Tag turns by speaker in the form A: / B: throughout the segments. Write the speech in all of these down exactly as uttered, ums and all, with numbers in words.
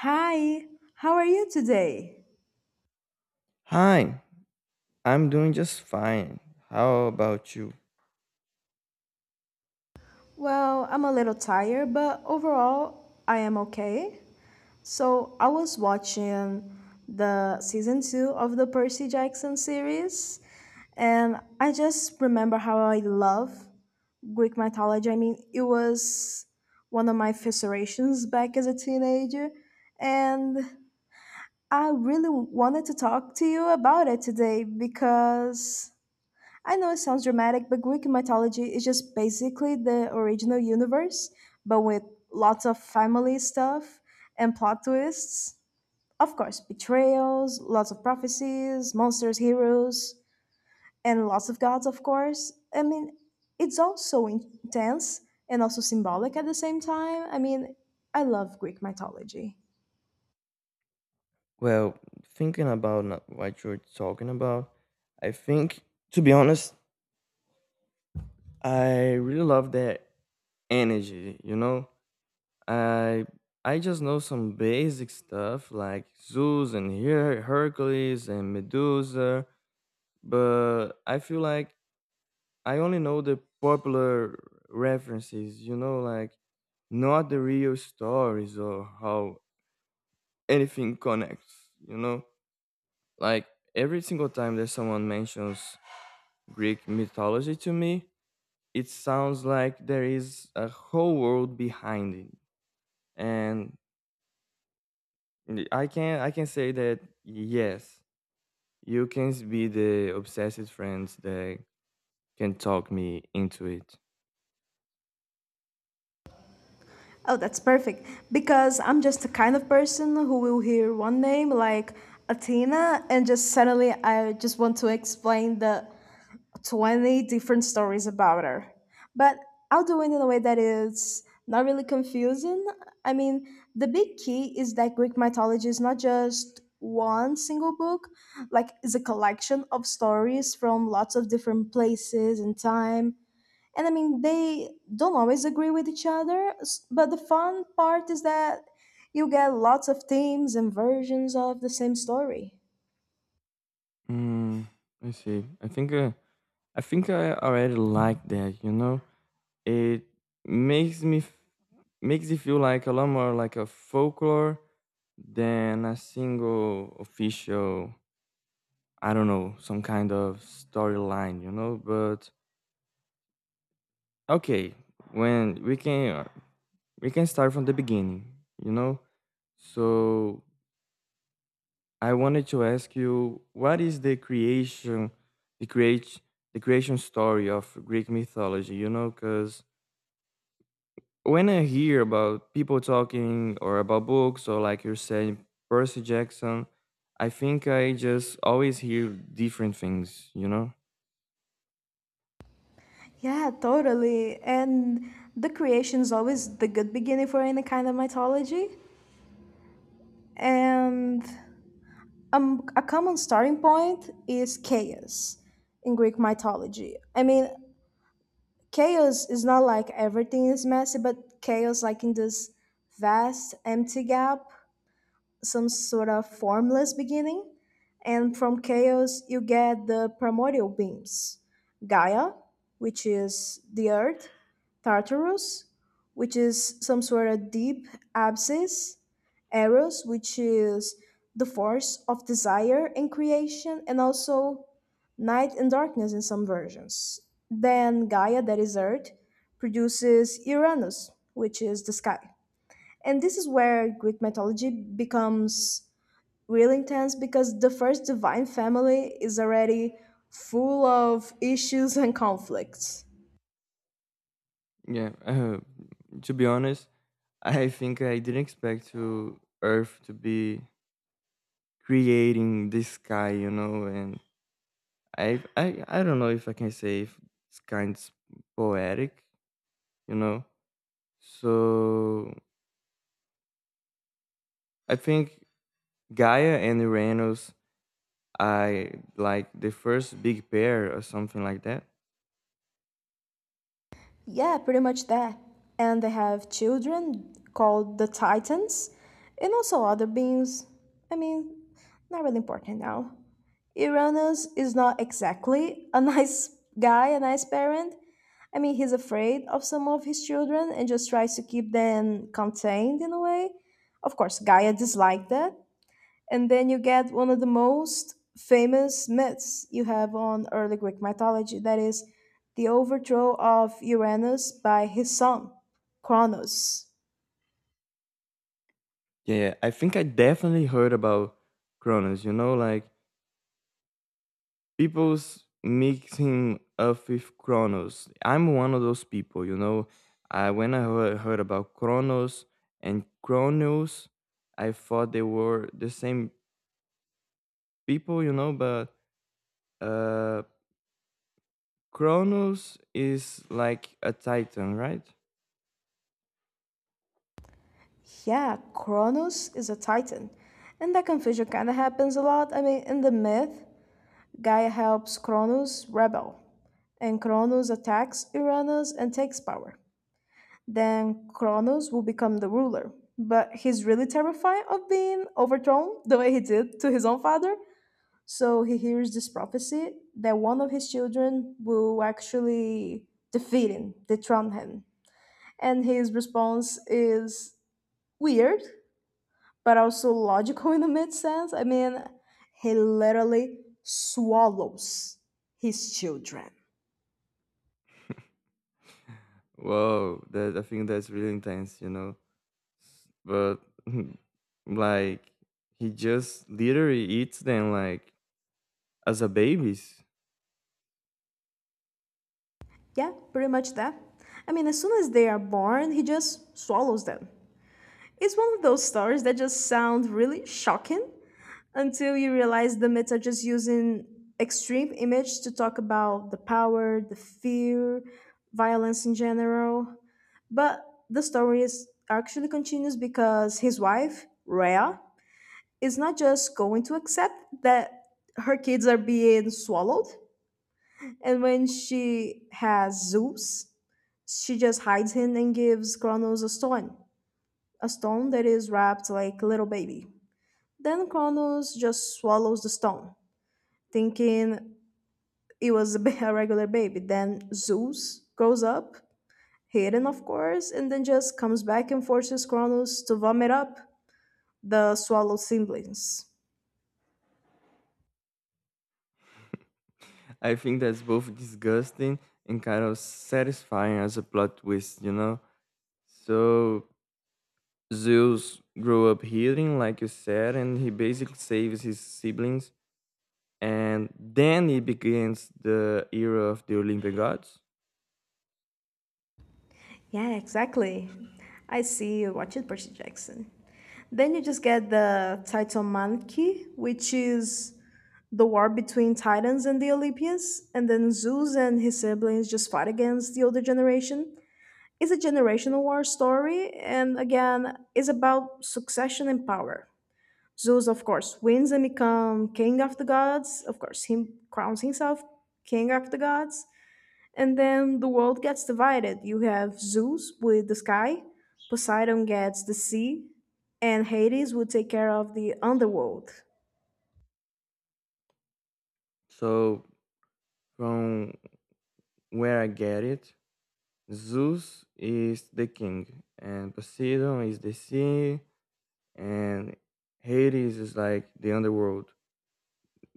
A: Hi, how are you today?
B: Hi, I'm doing just fine. How about you?
A: Well, I'm a little tired, but overall, I am okay. So, I was watching the season two of the Percy Jackson series, and I just remember how I love Greek mythology. I mean, it was one of my fascinations back as a teenager, and I really wanted to talk to you about it today because I know it sounds dramatic, but Greek mythology is just basically the original universe, but with lots of family stuff and plot twists. Of course, betrayals, lots of prophecies, monsters, heroes, and lots of gods, of course. I mean, it's all so intense and also symbolic at the same time. I mean, I love Greek mythology.
B: Well, thinking about n- what you're talking about, I think, to be honest, I really love that energy, you know? I I just know some basic stuff like Zeus and Her- Hercules and Medusa, but I feel like I only know the popular references, you know, like not the real stories or how anything connects, you know? Like every single time that someone mentions Greek mythology to me, it sounds like there is a whole world behind it. And I can I can say that yes, you can be the obsessive friends that can talk me into it.
A: Oh, that's perfect. Because I'm just the kind of person who will hear one name like Athena and just suddenly I just want to explain the twenty different stories about her. But I'll do it in a way that is not really confusing. I mean, the big key is that Greek mythology is not just one single book, like it's a collection of stories from lots of different places and time, and I mean they don't always agree with each other, s- but the fun part is that you get lots of themes and versions of the same story.
B: Hmm. I see. I think uh, I think I already like that, you know? It makes me f- Makes it feel like a lot more like a folklore than a single official, I don't know, some kind of storyline, you know? But okay, when we can uh, we can start from the beginning, you know? So I wanted to ask you what is the creation the create the creation story of Greek mythology, you know, cuz when I hear about people talking or about books or like you're saying Percy Jackson, I think I just always hear different things, you know?
A: Yeah, totally. And the creation is always the good beginning for any kind of mythology. And um, a common starting point is chaos in Greek mythology. I mean, chaos is not like everything is messy, but chaos, like in this vast, empty gap, some sort of formless beginning, and from chaos you get the primordial beings: Gaia, which is the earth, Tartarus, which is some sort of deep abscess, Eros, which is the force of desire and creation, and also night and darkness in some versions. Then Gaia, that is Earth, produces Uranus, which is the sky. And this is where Greek mythology becomes really intense because the first divine family is already full of issues and conflicts.
B: Yeah. Uh, to be honest, I think I didn't expect to Earth to be creating this sky, you know, and I I I don't know if I can say if it's kind of poetic, you know. So I think Gaia and Uranus I like the first big pair or something like that.
A: Yeah, pretty much that. And they have children called the Titans and also other beings. I mean, not really important now. Uranus is not exactly a nice guy, a nice parent. I mean, he's afraid of some of his children and just tries to keep them contained in a way. Of course, Gaia disliked that. And then you get one of the most famous myths you have on early Greek mythology, that is, the overthrow of Uranus by his son, Kronos.
B: Yeah, I think I definitely heard about Kronos, you know, like people's mixing up with Kronos. I'm one of those people, you know. I when I heard, heard about Kronos and Kronos, I thought they were the same people, you know, but uh Kronos is like a titan, right?
A: Yeah, Kronos is a titan. And that confusion kind of happens a lot. I mean, in the myth, Gaia helps Kronos rebel, and Kronos attacks Uranus and takes power. Then Kronos will become the ruler. But he's really terrified of being overthrown the way he did to his own father. So he hears this prophecy that one of his children will actually defeat him, dethrone him. And his response is weird, but also logical in the mid sense. I mean, he literally swallows his children.
B: Whoa, that I think that's really intense, you know. But like he just literally eats them like as a babies.
A: Yeah, pretty much that. I mean, as soon as they are born, he just swallows them. It's one of those stories that just sound really shocking until you realize the myths are just using extreme image to talk about the power, the fear, violence in general. But the story is actually continues because his wife, Rhea, is not just going to accept that her kids are being swallowed. And when she has Zeus, she just hides him and gives Kronos a stone, a stone that is wrapped like a little baby. Then Kronos just swallows the stone, thinking it was a ba- a regular baby. Then Zeus grows up, hidden of course, and then just comes back and forces Kronos to vomit up the swallowed siblings.
B: I think that's both disgusting and kind of satisfying as a plot twist, you know? So Zeus grew up healing, like you said, and he basically saves his siblings. And then he begins the era of the Olympic gods.
A: Yeah, exactly. I see you watch it, Percy Jackson. Then you just get the Titomanchi, which is the war between Titans and the Olympians, and then Zeus and his siblings just fight against the older generation. It's a generational war story, and again, it's about succession and power. Zeus, of course, wins and becomes king of the gods. Of course, he crowns himself king of the gods. And then the world gets divided. You have Zeus with the sky, Poseidon gets the sea, and Hades will take care of the underworld.
B: So, from where I get it, Zeus is the king, and Poseidon is the sea, and Hades is like the underworld.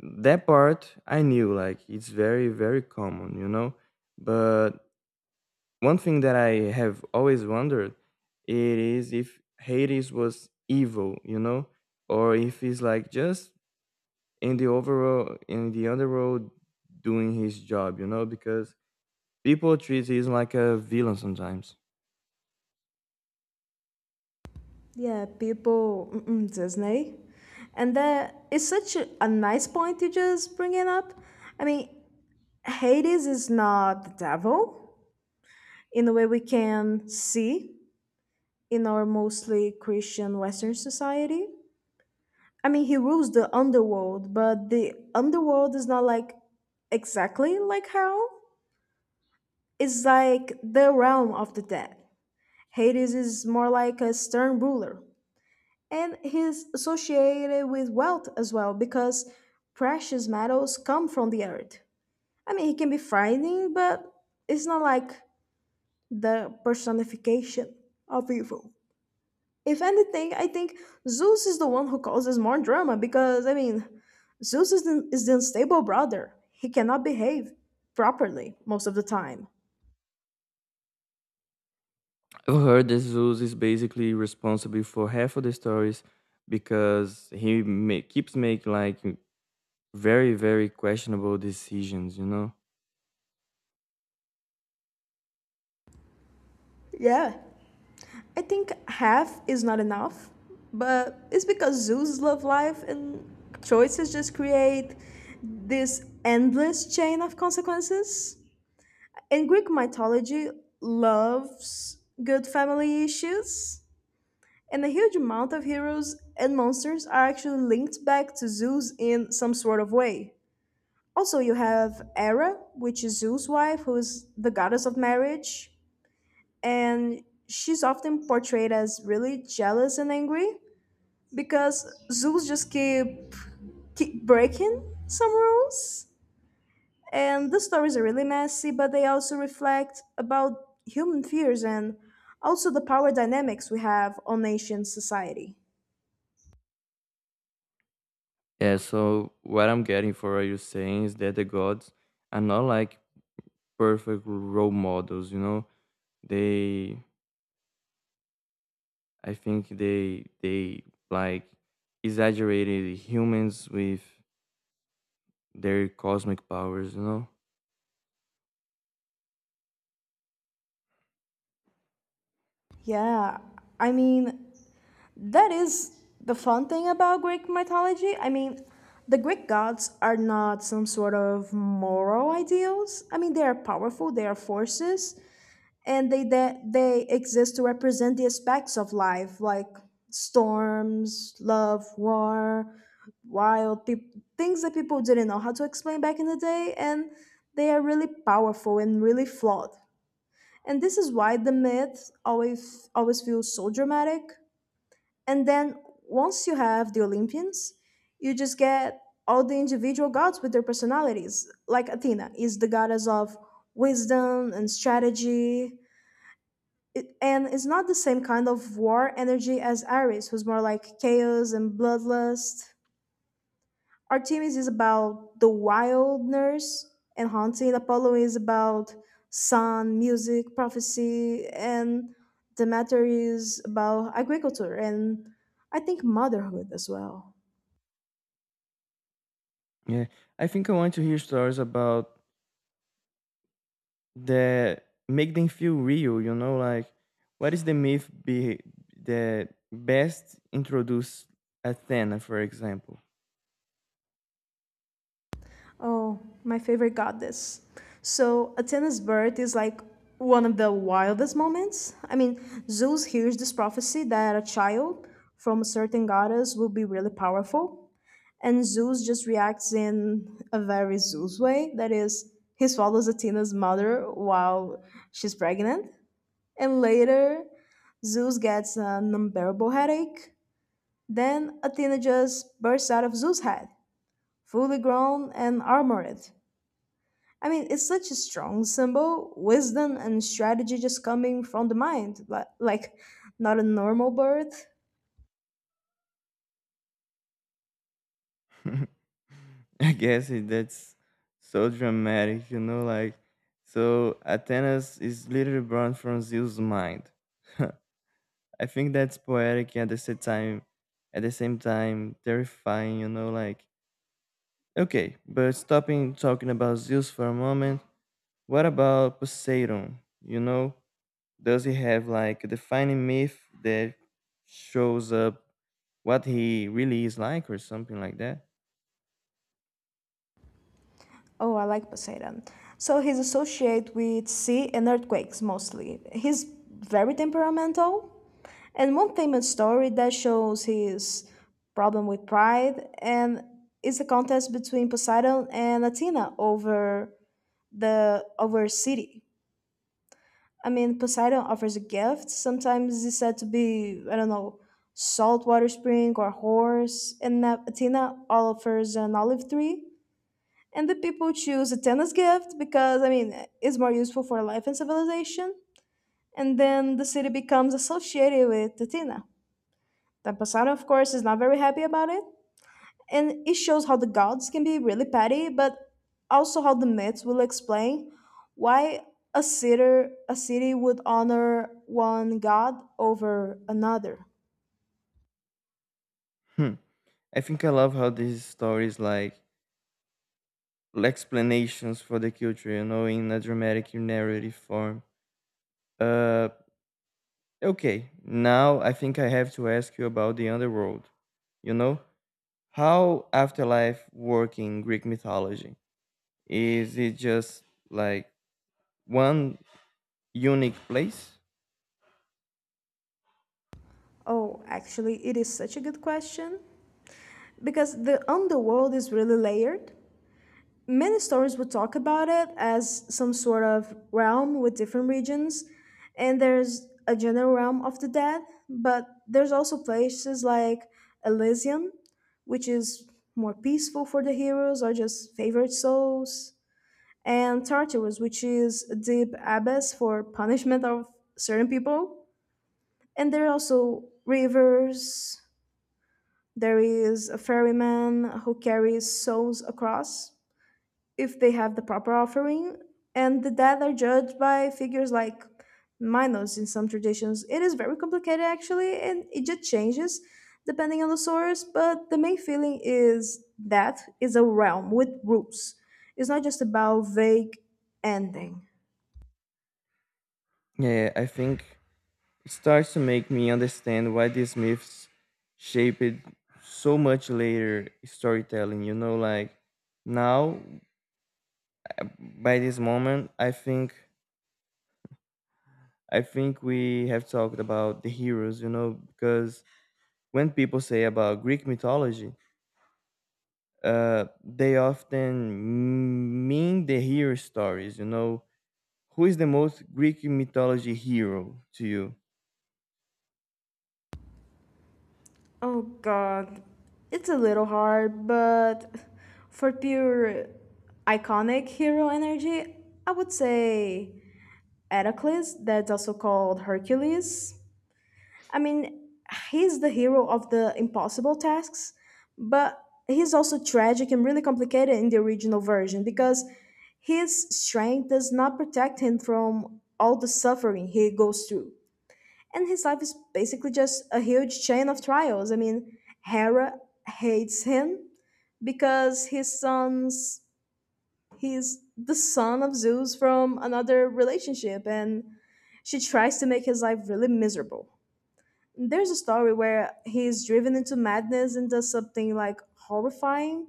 B: That part I knew, like it's very, very common, you know. But one thing that I have always wondered, it is if Hades was evil, you know, or if he's like just in the overall in the underworld doing his job, you know, because people treat him like a villain sometimes.
A: Yeah, people, mm-mm, Disney. And that is such a, a nice point you just bring it up. I mean, Hades is not the devil in the way we can see in our mostly Christian Western society. I mean, he rules the underworld, but the underworld is not like exactly like hell. It's like the realm of the dead. Hades is more like a stern ruler. And he's associated with wealth as well because precious metals come from the earth. I mean, he can be frightening, but it's not like the personification of evil. If anything, I think Zeus is the one who causes more drama because, I mean, Zeus is the, is the unstable brother. He cannot behave properly most of the time.
B: I've heard that Zeus is basically responsible for half of the stories because he ma- keeps making like very, very questionable decisions, you know?
A: Yeah. I think half is not enough, but it's because Zeus love life and choices just create this endless chain of consequences. In Greek mythology, loves good family issues. And a huge amount of heroes and monsters are actually linked back to Zeus in some sort of way. Also, you have Hera, which is Zeus' wife, who is the goddess of marriage, and she's often portrayed as really jealous and angry because Zeus just keep keep breaking some rules. And the stories are really messy, but they also reflect about human fears and also the power dynamics we have on nation society.
B: Yeah, so what I'm getting for what you're saying is that the gods are not like perfect role models, you know? They, I think they, they like exaggerated humans with their cosmic powers, you know?
A: Yeah, I mean, that is the fun thing about Greek mythology. I mean, the Greek gods are not some sort of moral ideals. I mean, they are powerful, they are forces, and they they, they exist to represent the aspects of life like storms, love, war, wild peop things that people didn't know how to explain back in the day, and they are really powerful and really flawed. And this is why the myth always always feels so dramatic. And then once you have the Olympians, you just get all the individual gods with their personalities. Like Athena is the goddess of wisdom and strategy. It, and it's not the same kind of war energy as Ares, who's more like chaos and bloodlust. Artemis is about the wilderness and hunting. Apollo is about sun, music, prophecy, and Demeter is about agriculture and I think motherhood as well.
B: Yeah, I think I want to hear stories about that make them feel real, you know, like what is the myth be that best introduce Athena, for example.
A: Oh, my favorite goddess. So Athena's birth is like one of the wildest moments. I mean, Zeus hears this prophecy that a child from a certain goddess will be really powerful. And Zeus just reacts in a very Zeus way. That is, he swallows Athena's mother while she's pregnant. And later, Zeus gets an unbearable headache. Then Athena just bursts out of Zeus' head, fully grown and armored. I mean, it's such a strong symbol, wisdom and strategy just coming from the mind, li- like not a normal birth.
B: I guess it, that's so dramatic, you know, like so Athena is literally born from Zeus mind. I think that's poetic and at the same time at the same time terrifying, you know. Like okay, but stopping talking about Zeus for a moment, what about Poseidon, you know? Does he have like a defining myth that shows up what he really is like or something like that?
A: Oh, I like Poseidon. So he's associated with sea and earthquakes mostly. He's very temperamental. And one famous story that shows his problem with pride and is the contest between Poseidon and Athena over the over a city. I mean, Poseidon offers a gift. Sometimes it's said to be, I don't know, saltwater spring or horse, and Na- Athena offers an olive tree, and the people choose a tennis gift because I mean it's more useful for life and civilization. And then the city becomes associated with Athena. The Poseidon, of course, is not very happy about it, and it shows how the gods can be really petty, but also how the myths will explain why a city a city would honor one god over another.
B: Hmm. I think I love how these stories like explanations for the culture, you know, in a dramatic narrative form. Uh okay, now I think I have to ask you about the underworld. You know? How afterlife work in Greek mythology? Is it just like one unique place?
A: Oh, actually, it is such a good question because the underworld is really layered. Many stories would talk about it as some sort of realm with different regions, and there's a general realm of the dead, but there's also places like Elysium, which is more peaceful for the heroes or just favored souls, and Tartarus, which is a deep abyss for punishment of certain people. And there are also rivers. There is a ferryman who carries souls across if they have the proper offering, and the dead are judged by figures like Minos in some traditions. It is very complicated actually, and it just changes depending on the source, but the main feeling is that is a realm with rules. It's not just about vague ending.
B: Yeah, I think it starts to make me understand why these myths shaped so much later storytelling, you know, like now by this moment I think I think we have talked about the heroes, you know, because when people say about Greek mythology, uh, they often mean the hero stories, you know. Who is the most Greek mythology hero to you?
A: Oh god. It's a little hard, but for pure iconic hero energy, I would say Heracles, that's also called Hercules. I mean, he's the hero of the impossible tasks, but he's also tragic and really complicated in the original version because his strength does not protect him from all the suffering he goes through. And his life is basically just a huge chain of trials. I mean, Hera hates him because his son's he's the son of Zeus from another relationship, and she tries to make his life really miserable. There's a story where he is driven into madness and does something like horrifying.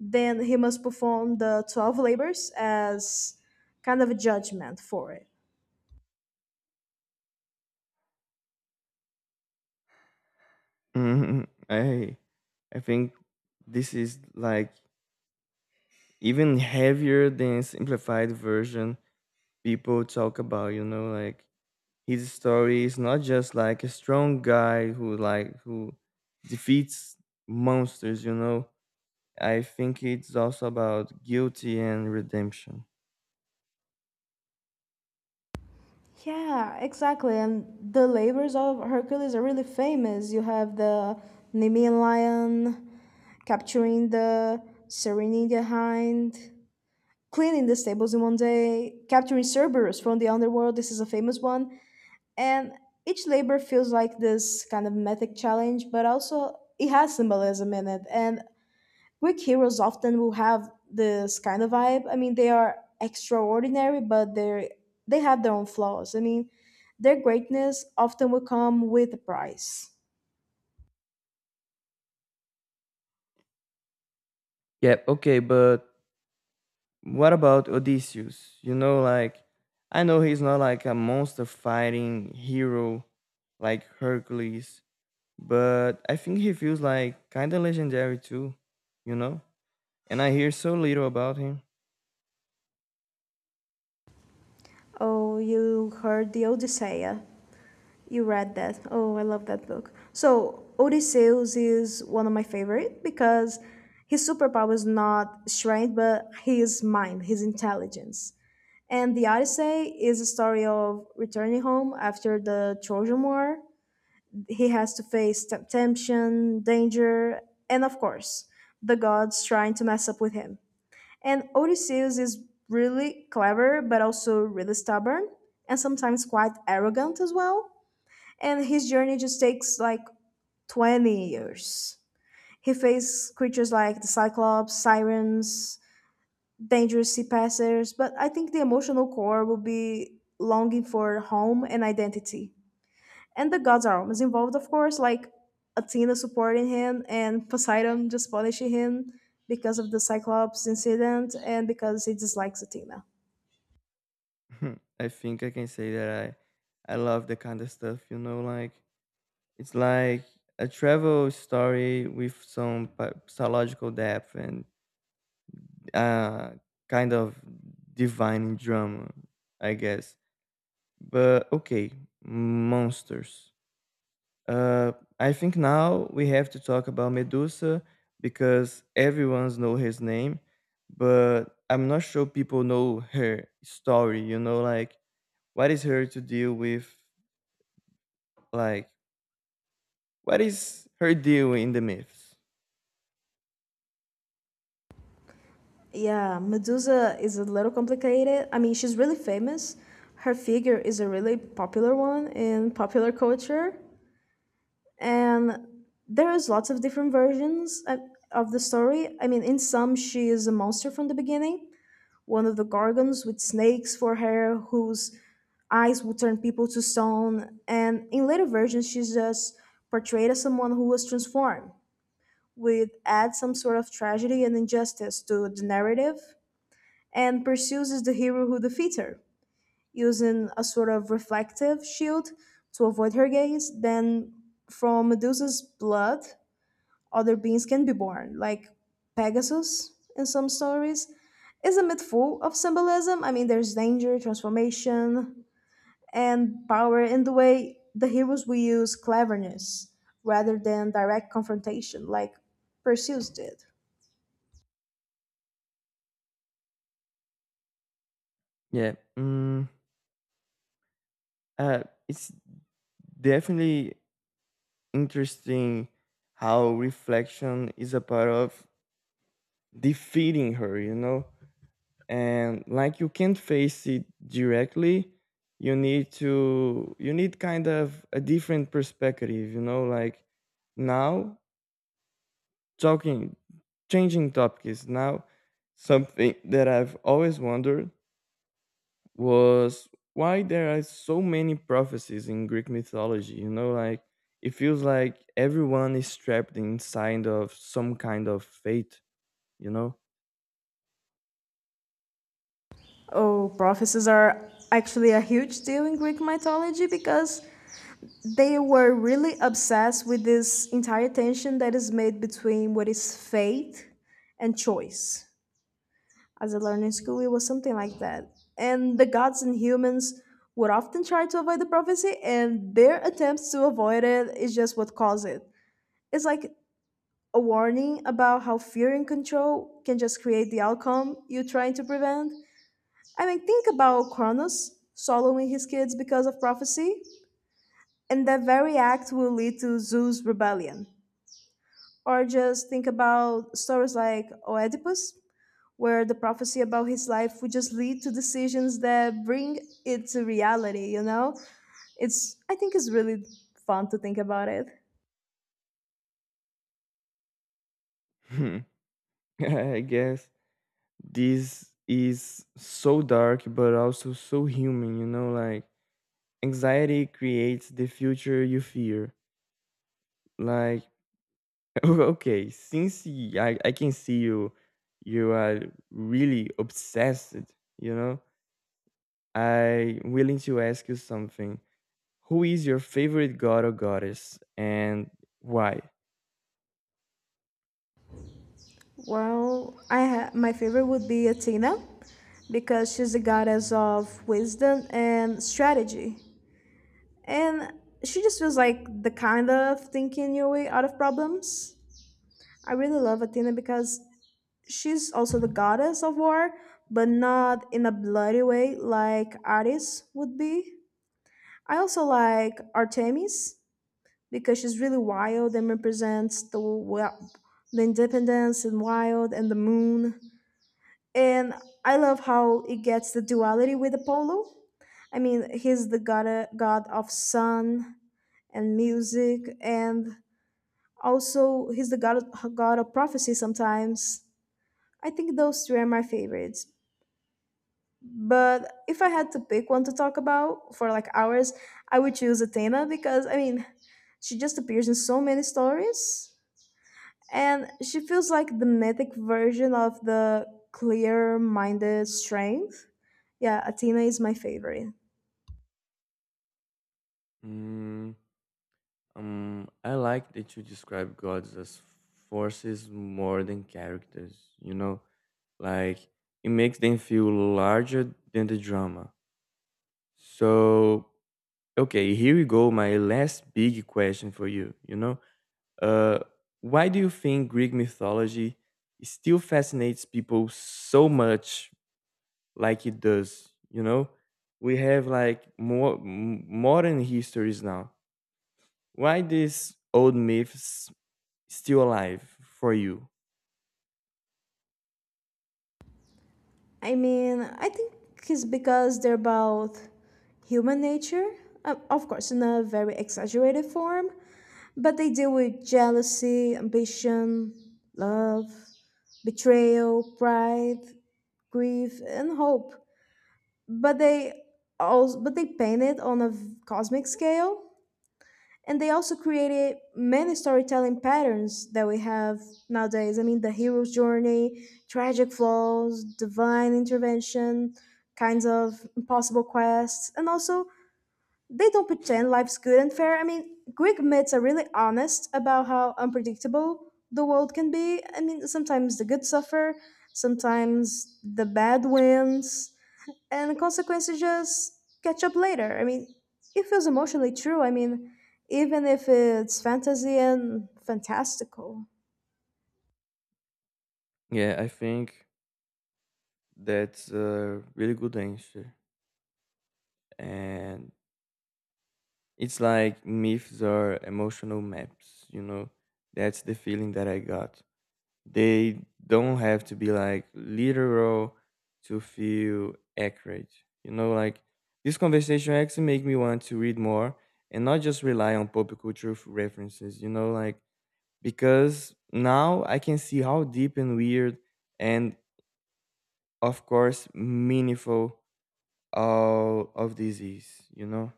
A: Then he must perform the twelve labors as kind of a judgment for it.
B: Mhm. I I think this is like even heavier than simplified version people talk about, you know, like his story is not just like a strong guy who like who defeats monsters, you know. I think it's also about guilty and redemption.
A: Yeah, exactly. And the labors of Hercules are really famous. You have the Nemean lion, capturing the Serenidia hind, cleaning the stables in one day, capturing Cerberus from the underworld. This is a famous one. And each labor feels like this kind of mythic challenge, but also it has symbolism in it. And Greek heroes often will have this kind of vibe. I mean, they are extraordinary, but they they have their own flaws. I mean, their greatness often will come with a price.
B: Yeah, okay, but what about Odysseus, you know, like I know he's not like a monster fighting hero like Hercules, but I think he feels like kind of legendary too, you know, and I hear so little about him.
A: Oh, you heard the Odyssey. You read that. Oh, I love that book. So, Odysseus is one of my favorite because his superpower is not strength, but his mind, his intelligence. And the Odyssey is a story of returning home after the Trojan War. He has to face temptation, danger, and of course, the gods trying to mess up with him. And Odysseus is really clever, but also really stubborn, and sometimes quite arrogant as well, and his journey just takes like twenty years. He faced creatures like the Cyclops, Sirens, dangerous sea passers, but I think the emotional core will be longing for home and identity. And the gods are always involved, of course, like Athena supporting him and Poseidon just punishing him because of the Cyclops incident and because he dislikes Athena.
B: I think I can say that I I love the kind of stuff, you know, like it's like a travel story with some pa- psychological depth and uh kind of divine drama, I guess. But okay, monsters. Uh I think now we have to talk about Medusa because everyone's know his name, but I'm not sure people know her story, you know, like what is her to deal with? Like, what is her deal in the myths?
A: Yeah, Medusa is a little complicated. I mean, she's really famous. Her figure is a really popular one in popular culture, and there is lots of different versions of of the story. I mean, in some, she is a monster from the beginning, one of the Gorgons with snakes for hair, whose eyes will turn people to stone. And in later versions, she's just portrayed as someone who was transformed, with add some sort of tragedy and injustice to the narrative, and pursues the hero who defeats her, using a sort of reflective shield to avoid her gaze. Then, from Medusa's blood, other beings can be born, like Pegasus in some stories. Is a myth full of symbolism. I mean, there's danger, transformation, and power in the way the heroes will use cleverness rather than direct confrontation, like Perseus did.
B: Yeah, mm, uh, it's definitely interesting how reflection is a part of defeating her, you know? And like you can't face it directly, you need to, you need kind of a different perspective, you know? Like now, talking, changing topics now, something that I've always wondered was why there are so many prophecies in Greek mythology. You know, like it feels like everyone is trapped inside of some kind of fate, you know?
A: Oh, prophecies are actually a huge deal in Greek mythology because they were really obsessed with this entire tension that is made between what is fate and choice. As I learned in school, it was something like that. And the gods and humans would often try to avoid the prophecy, and their attempts to avoid it is just what caused it. It's like a warning about how fear and control can just create the outcome you're trying to prevent. I mean, think about Kronos swallowing his kids because of prophecy, and that very act will lead to Zeus' rebellion. Or just think about stories like Oedipus, where the prophecy about his life would just lead to decisions that bring it to reality, you know? It's I think it's really fun to think about it.
B: Hmm. I guess this is so dark, but also so human, you know? Like anxiety creates the future you fear. Like, okay, since y- I, I can see you, you are really obsessed, you know? I'm willing to ask you something. Who is your favorite god or goddess and why?
A: Well, I ha- my favorite would be Athena because she's the goddess of wisdom and strategy. And she just feels like the kind of thinking your way out of problems. I really love Athena because she's also the goddess of war, but not in a bloody way like Ares would be. I also like Artemis because she's really wild and represents the well, the independence and wild and the moon. And I love how it gets the duality with Apollo. I mean, he's the god god of sun and music, and also he's the god god of prophecy sometimes. I think those three are my favorites. But if I had to pick one to talk about for like hours, I would choose Athena because I mean, she just appears in so many stories and she feels like the mythic version of the clear minded strength. Yeah, Athena is my favorite.
B: Mm, um, I like that you describe gods as forces more than characters, you know? Like, it makes them feel larger than the drama. So, okay, here we go. My last big question for you, you know? Uh, why do you think Greek mythology still fascinates people so much like it does, you know? We have like more m- modern histories now. Why these old myths still alive for you?
A: I mean, I think it's because they're about human nature, um, of course, in a very exaggerated form. But they deal with jealousy, ambition, love, betrayal, pride, grief, and hope. But they also but they paint it on a v- cosmic scale. And they also created many storytelling patterns that we have nowadays. I mean, the hero's journey, tragic flaws, divine intervention, kinds of impossible quests, and also they don't pretend life's good and fair. I mean, Greek myths are really honest about how unpredictable the world can be. I mean, sometimes the good suffer, sometimes the bad wins, and consequences just catch up later. I mean, it feels emotionally true. I mean, even if it's fantasy and fantastical.
B: Yeah, I think that's a really good answer, and it's like myths are emotional maps, you know. That's the feeling that I got. They don't have to be like literal to feel accurate. You know, like this conversation actually make me want to read more and not just rely on pop culture f- references, you know, like because now I can see how deep and weird and of course meaningful all of this is, you know?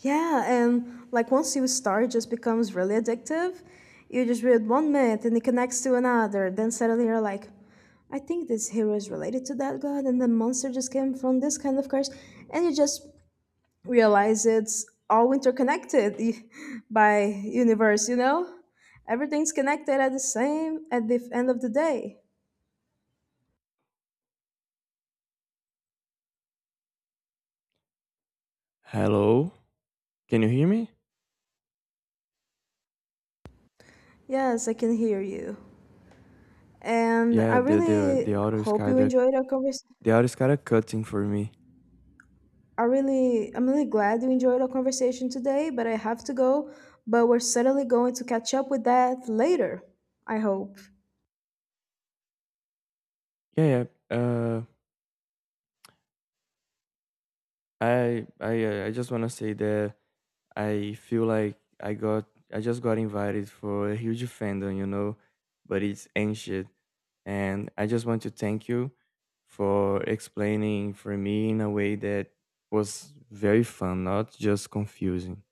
A: Yeah, and like once you start, it just becomes really addictive. You just read one myth and it connects to another. Then suddenly you're like, I think this hero is related to that god, and the monster just came from this kind of curse. And you just realize it's all interconnected by universe, you know? Everything's connected at the same at the end of the day.
B: Hello? Can you hear me?
A: Yes, I can hear you. And
B: Yeah,
A: I
B: the the
A: really
B: the audio is
A: hope you
B: kinda
A: enjoyed our conversation.
B: the audio is kinda cutting for me.
A: I really, I'm really glad you enjoyed our conversation today, but I have to go. But we're certainly going to catch up with that later, I hope.
B: Yeah, yeah. Uh I I uh, I just want to say that I feel like I got I just got invited for a huge fandom, you know, but it's ancient, and I just want to thank you for explaining for me in a way that was very fun, not just confusing.